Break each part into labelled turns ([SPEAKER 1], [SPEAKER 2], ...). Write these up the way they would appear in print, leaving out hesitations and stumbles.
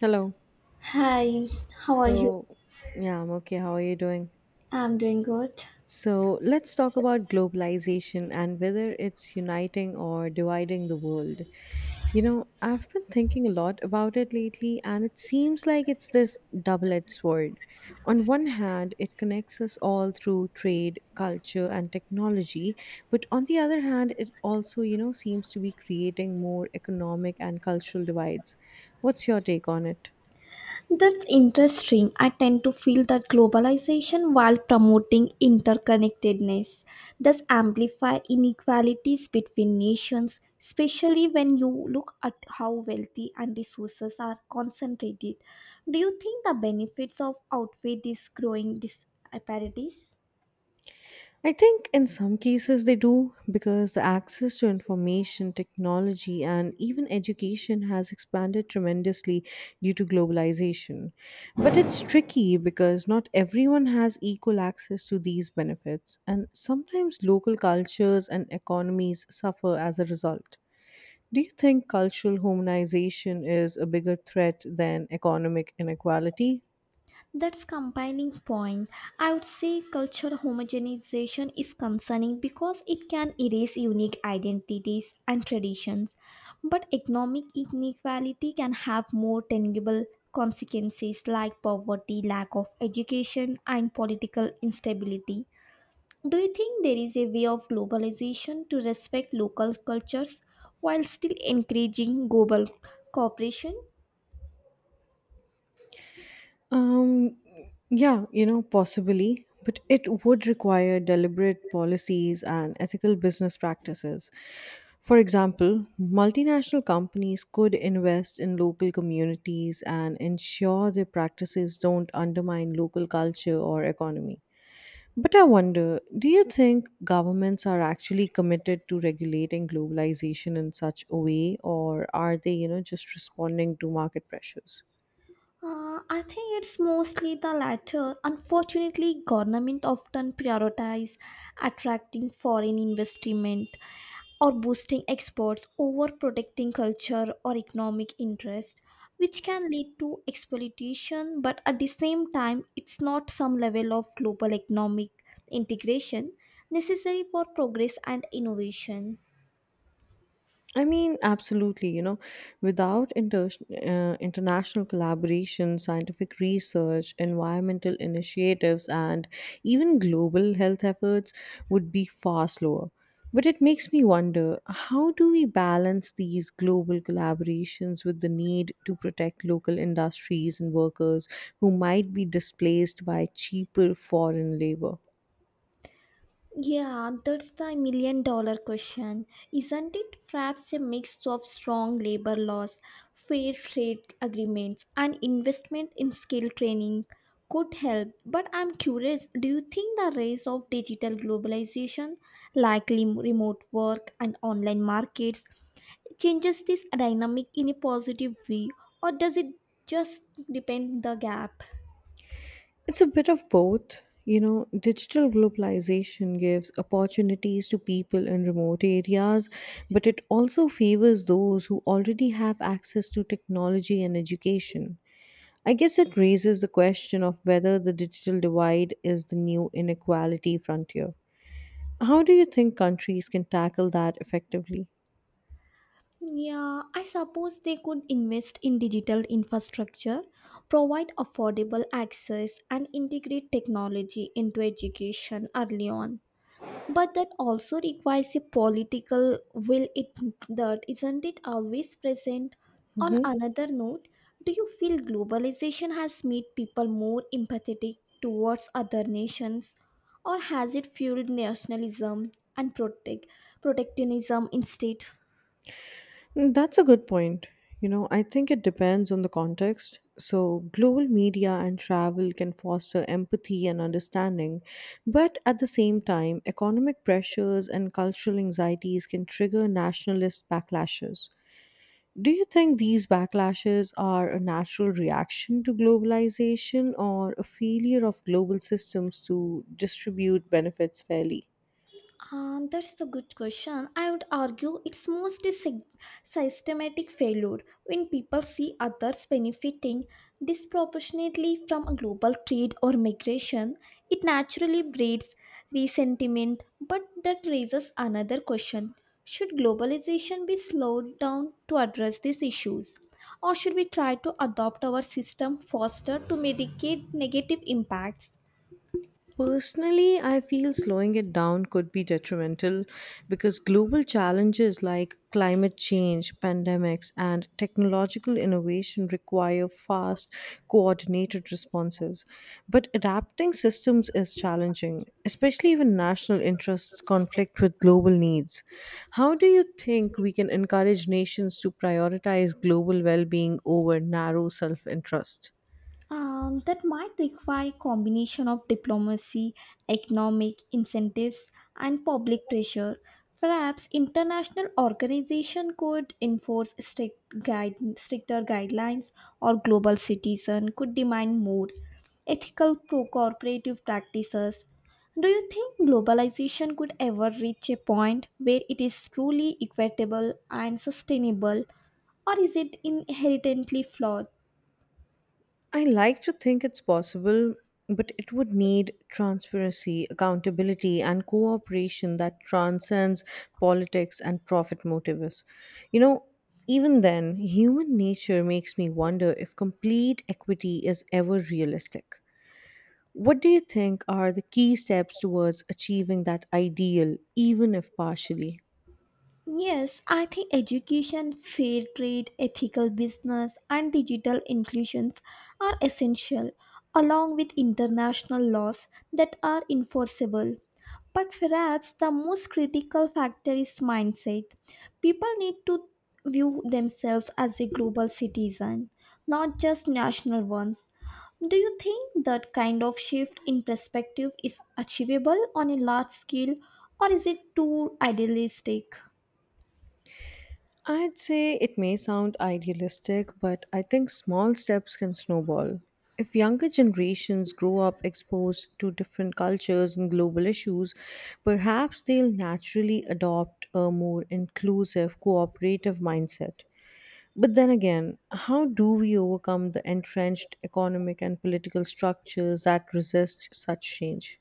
[SPEAKER 1] Hello.
[SPEAKER 2] Hi, how are you?
[SPEAKER 1] So, yeah, I'm okay. How are you doing?
[SPEAKER 2] I'm doing good.
[SPEAKER 1] So, let's talk about globalization and whether it's uniting or dividing the world. You know, I've been thinking a lot about it lately, and it seems like it's this double edged sword. On one hand, it connects us all through trade, culture, and technology, but on the other hand, it also, seems to be creating more economic and cultural divides. What's your take on it?
[SPEAKER 2] That's interesting. I tend to feel that globalization, while promoting interconnectedness, does amplify inequalities between nations, especially when you look at how wealthy and resources are concentrated. Do you think the benefits of outweigh these growing disparities?
[SPEAKER 1] I think in some cases they do because the access to information, technology, and even education has expanded tremendously due to globalization. But it's tricky because not everyone has equal access to these benefits, and sometimes local cultures and economies suffer as a result. Do you think cultural homogenization is a bigger threat than economic inequality?
[SPEAKER 2] That's combining point. I would say culture homogenization is concerning because it can erase unique identities and traditions, but economic inequality can have more tangible consequences like poverty, lack of education, and political instability. Do you think there is a way of globalization to respect local cultures while still encouraging global cooperation?
[SPEAKER 1] Um, yeah, you know, possibly, but it would require deliberate policies and ethical business practices. For example, multinational companies could invest in local communities and ensure their practices don't undermine local culture or economy. But I wonder, do you think governments are actually committed to regulating globalization in such a way, or are they, just responding to market pressures?
[SPEAKER 2] I think it's mostly the latter. Unfortunately, government often prioritize attracting foreign investment or boosting exports over protecting culture or economic interest, which can lead to exploitation. But at the same time, it's not some level of global economic integration necessary for progress and innovation.
[SPEAKER 1] I mean, absolutely. You know, without international collaboration, scientific research, environmental initiatives, and even global health efforts would be far slower. But it makes me wonder, how do we balance these global collaborations with the need to protect local industries and workers who might be displaced by cheaper foreign labor?
[SPEAKER 2] Yeah, that's the million dollar question. Isn't it perhaps a mix of strong labor laws, fair trade agreements, and investment in skill training could help? But I'm curious, do you think the rise of digital globalization, likely remote work and online markets, changes this dynamic in a positive way, or does it just depend the gap?
[SPEAKER 1] It's a bit of both. You know, digital globalization gives opportunities to people in remote areas, but it also favors those who already have access to technology and education. I guess it raises the question of whether the digital divide is the new inequality frontier. How do you think countries can tackle that effectively?
[SPEAKER 2] Yeah, I suppose they could invest in digital infrastructure, provide affordable access, and integrate technology into education early on. But that also requires a political will it that isn't it always present? On
[SPEAKER 1] Mhm.
[SPEAKER 2] another note, do you feel globalization has made people more empathetic towards other nations or has it fueled nationalism and protectionism instead?
[SPEAKER 1] Mm, that's a good point. You know, I think it depends on the context. So, global media and travel can foster empathy and understanding, but at the same time, economic pressures and cultural anxieties can trigger nationalist backlashes. Do you think these backlashes are a natural reaction to globalization or a failure of global systems to distribute benefits fairly?
[SPEAKER 2] That's the good question. I would argue it's mostly systematic failure when people see others benefiting disproportionately from a global trade or migration. It naturally breeds resentment, but that raises another question: Should globalization be slowed down to address these issues, or should we try to adopt our system faster to mitigate negative impacts?
[SPEAKER 1] Personally, I feel slowing it down could be detrimental because global challenges like climate change, pandemics, and technological innovation require fast, coordinated responses. But adapting systems is challenging, especially when national interests conflict with global needs. How do you think we can encourage nations to prioritize global well being over narrow self interest?
[SPEAKER 2] That might require combination of diplomacy, economic incentives, and public pressure. Perhaps international organization could enforce stricter guidelines, or global citizen could demand more ethical pro-cooperative practices. Do you think globalization could ever reach a point where it is truly equitable and sustainable, or is it inherently flawed?
[SPEAKER 1] I like to think it's possible, but it would need transparency, accountability, and cooperation that transcends politics and profit motives. You know, even then, human nature makes me wonder if complete equity is ever realistic. What do you think are the key steps towards achieving that ideal, even if partially?
[SPEAKER 2] Yes, I think education, fair trade, ethical business, and digital inclusions are essential, along with international laws that are enforceable. But perhaps the most critical factor is mindset. People need to view themselves as a global citizen, not just national ones. Do you think that kind of shift in perspective is achievable on a large scale, or is it too idealistic?
[SPEAKER 1] I'd say it may sound idealistic, but I think small steps can snowball. If younger generations grow up exposed to different cultures and global issues, perhaps they'll naturally adopt a more inclusive, cooperative mindset. But then again, how do we overcome the entrenched economic and political structures that resist such change?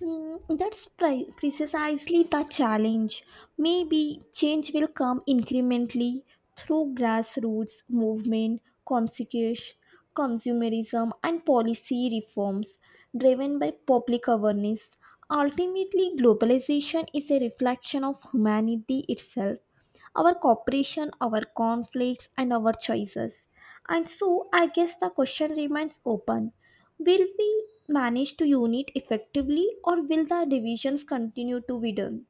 [SPEAKER 2] Mm, that's precisely the challenge. Maybe change will come incrementally through grassroots movement, conscious consumerism, and policy reforms driven by public awareness. Ultimately, globalization is a reflection of humanity itself, our cooperation, our conflicts, and our choices. And so, I guess the question remains open. Will we manage to unite effectively, or will the divisions continue to widen?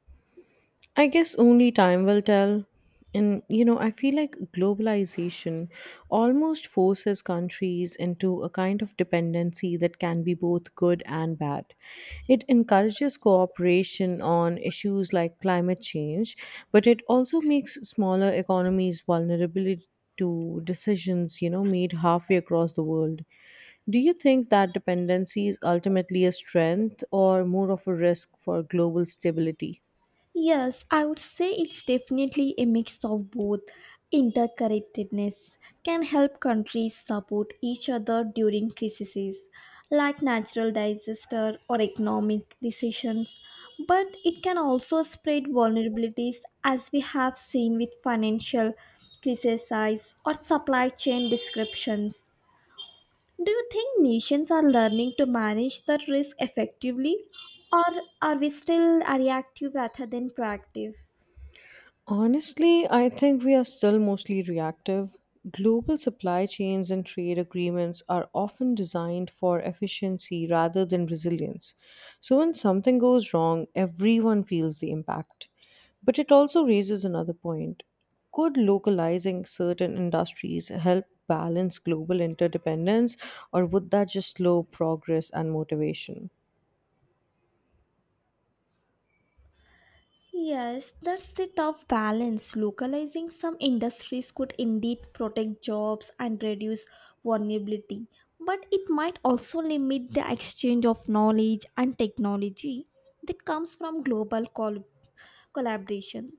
[SPEAKER 1] I guess only time will tell. And, you know, I feel like globalization almost forces countries into a kind of dependency that can be both good and bad. It encourages cooperation on issues like climate change, but it also makes smaller economies vulnerable to decisions, made halfway across the world. Do you think that dependency is ultimately a strength or more of a risk for global stability?
[SPEAKER 2] Yes, I would say it's definitely a mix of both. Interconnectedness can help countries support each other during crises like natural disaster or economic recessions, but it can also spread vulnerabilities as we have seen with financial crises or supply chain disruptions. Do you think nations are learning to manage the risk effectively, or are we still reactive rather than proactive?
[SPEAKER 1] Honestly, I think we are still mostly reactive. Global supply chains and trade agreements are often designed for efficiency rather than resilience. So when something goes wrong, everyone feels the impact. But it also raises another point. Could localizing certain industries help balance global interdependence, or would that just slow progress and motivation?
[SPEAKER 2] Yes, that's the tough balance. Localizing some industries could indeed protect jobs and reduce vulnerability, but it might also limit the exchange of knowledge and technology that comes from collaboration.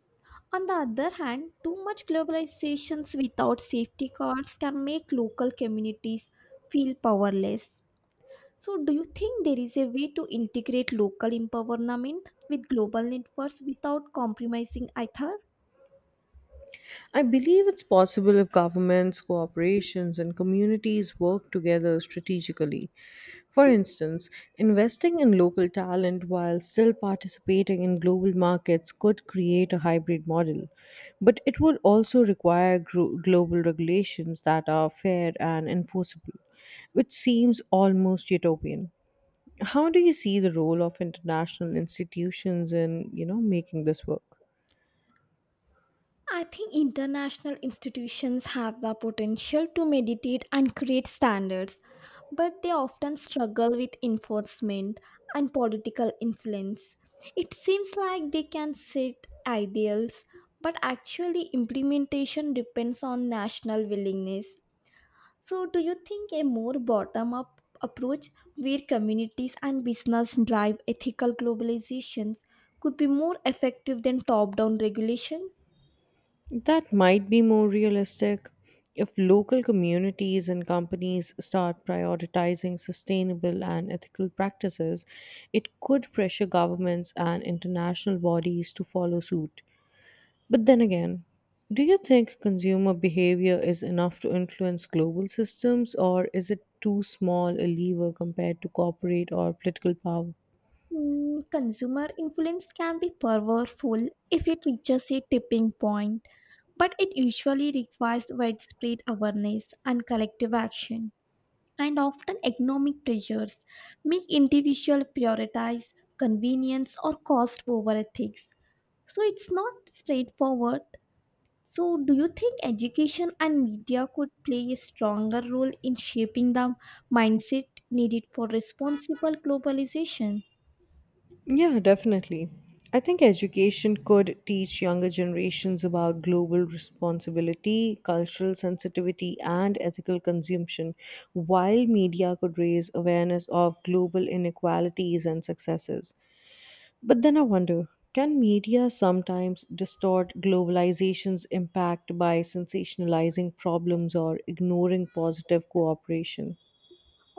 [SPEAKER 2] On the other hand, too much globalizations without safety cards can make local communities feel powerless. So, do you think there is a way to integrate local empowerment with global networks without compromising either?
[SPEAKER 1] I believe it's possible if governments, corporations, and communities work together strategically. For instance, investing in local talent while still participating in global markets could create a hybrid model, but it would also require global regulations that are fair and enforceable, which seems almost utopian. How do you see the role of international institutions in, making this work?
[SPEAKER 2] I think international institutions have the potential to meditate and create standards, but they often struggle with enforcement and political influence. It seems like they can set ideals, but actually, implementation depends on national willingness. So, do you think a more bottom up approach where communities and business drive ethical globalizations could be more effective than top down regulation?
[SPEAKER 1] That might be more realistic if local communities and companies start prioritizing sustainable and ethical practices. It could pressure governments and international bodies to follow suit. But then again, do you think consumer behavior is enough to influence global systems, or is it too small a lever compared to corporate or political power?
[SPEAKER 2] Hmm, consumer influence can be powerful if it reaches a tipping point, but it usually requires widespread awareness and collective action. And often, economic pressures make individuals prioritize convenience or cost over ethics. So it's not straightforward. So, do you think education and media could play a stronger role in shaping the mindset needed for responsible globalization?
[SPEAKER 1] Yeah, definitely. I think education could teach younger generations about global responsibility, cultural sensitivity, and ethical consumption, while media could raise awareness of global inequalities and successes. But then I wonder, can media sometimes distort globalization's impact by sensationalizing problems or ignoring positive cooperation?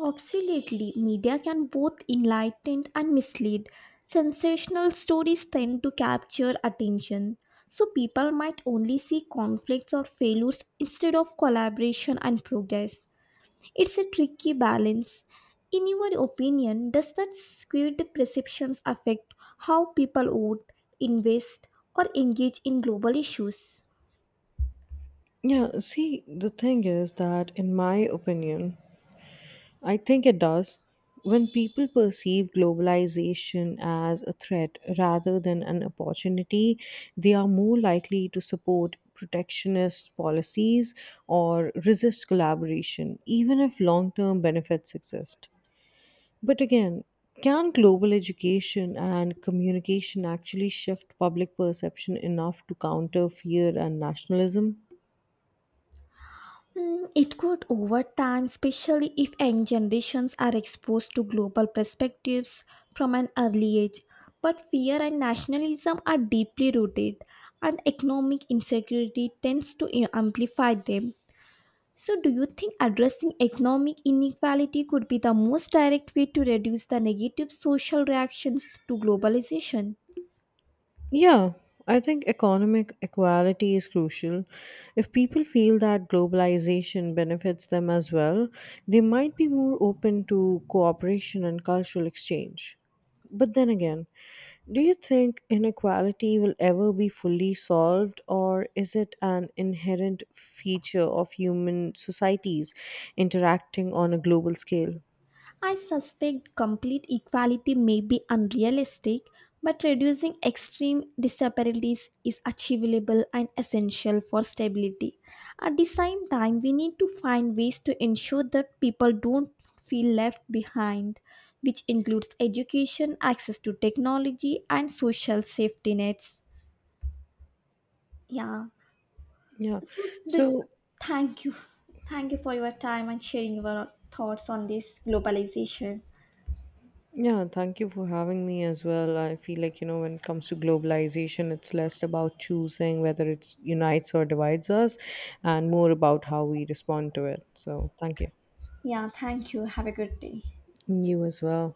[SPEAKER 2] Absolutely, media can both enlighten and mislead. Sensational stories tend to capture attention, so people might only see conflicts or failures instead of collaboration and progress. It's a tricky balance. In your opinion, does that skewed perceptions affect how people vote, invest, or engage in global issues?
[SPEAKER 1] Yeah, see, the thing is that, in my opinion, I think it does. When people perceive globalization as a threat rather than an opportunity, they are more likely to support protectionist policies or resist collaboration, even if long term benefits exist. But again, can global education and communication actually shift public perception enough to counter fear and nationalism?
[SPEAKER 2] Hmm, it could over time, especially if young generations are exposed to global perspectives from an early age. But fear and nationalism are deeply rooted, and economic insecurity tends to amplify them. So, do you think addressing economic inequality could be the most direct way to reduce the negative social reactions to globalization?
[SPEAKER 1] Yeah, I think economic equality is crucial. If people feel that globalization benefits them as well, they might be more open to cooperation and cultural exchange. But then again, do you think inequality will ever be fully solved, or is it an inherent feature of human societies interacting on a global scale?
[SPEAKER 2] I suspect complete equality may be unrealistic, but reducing extreme disparities is achievable and essential for stability. At the same time, we need to find ways to ensure that people don't feel left behind, which includes education, access to technology, and social safety nets. Yeah.
[SPEAKER 1] Yeah.
[SPEAKER 2] So, do,
[SPEAKER 1] So,
[SPEAKER 2] thank you. Thank you for your time and sharing your thoughts on this globalization.
[SPEAKER 1] yeah, thank you for having me as well. I feel like, when it comes to globalization, it's less about choosing whether it unites or divides us and more about how we respond to it. So, thank you.
[SPEAKER 2] Yeah, thank you. Have a good day.
[SPEAKER 1] You as well.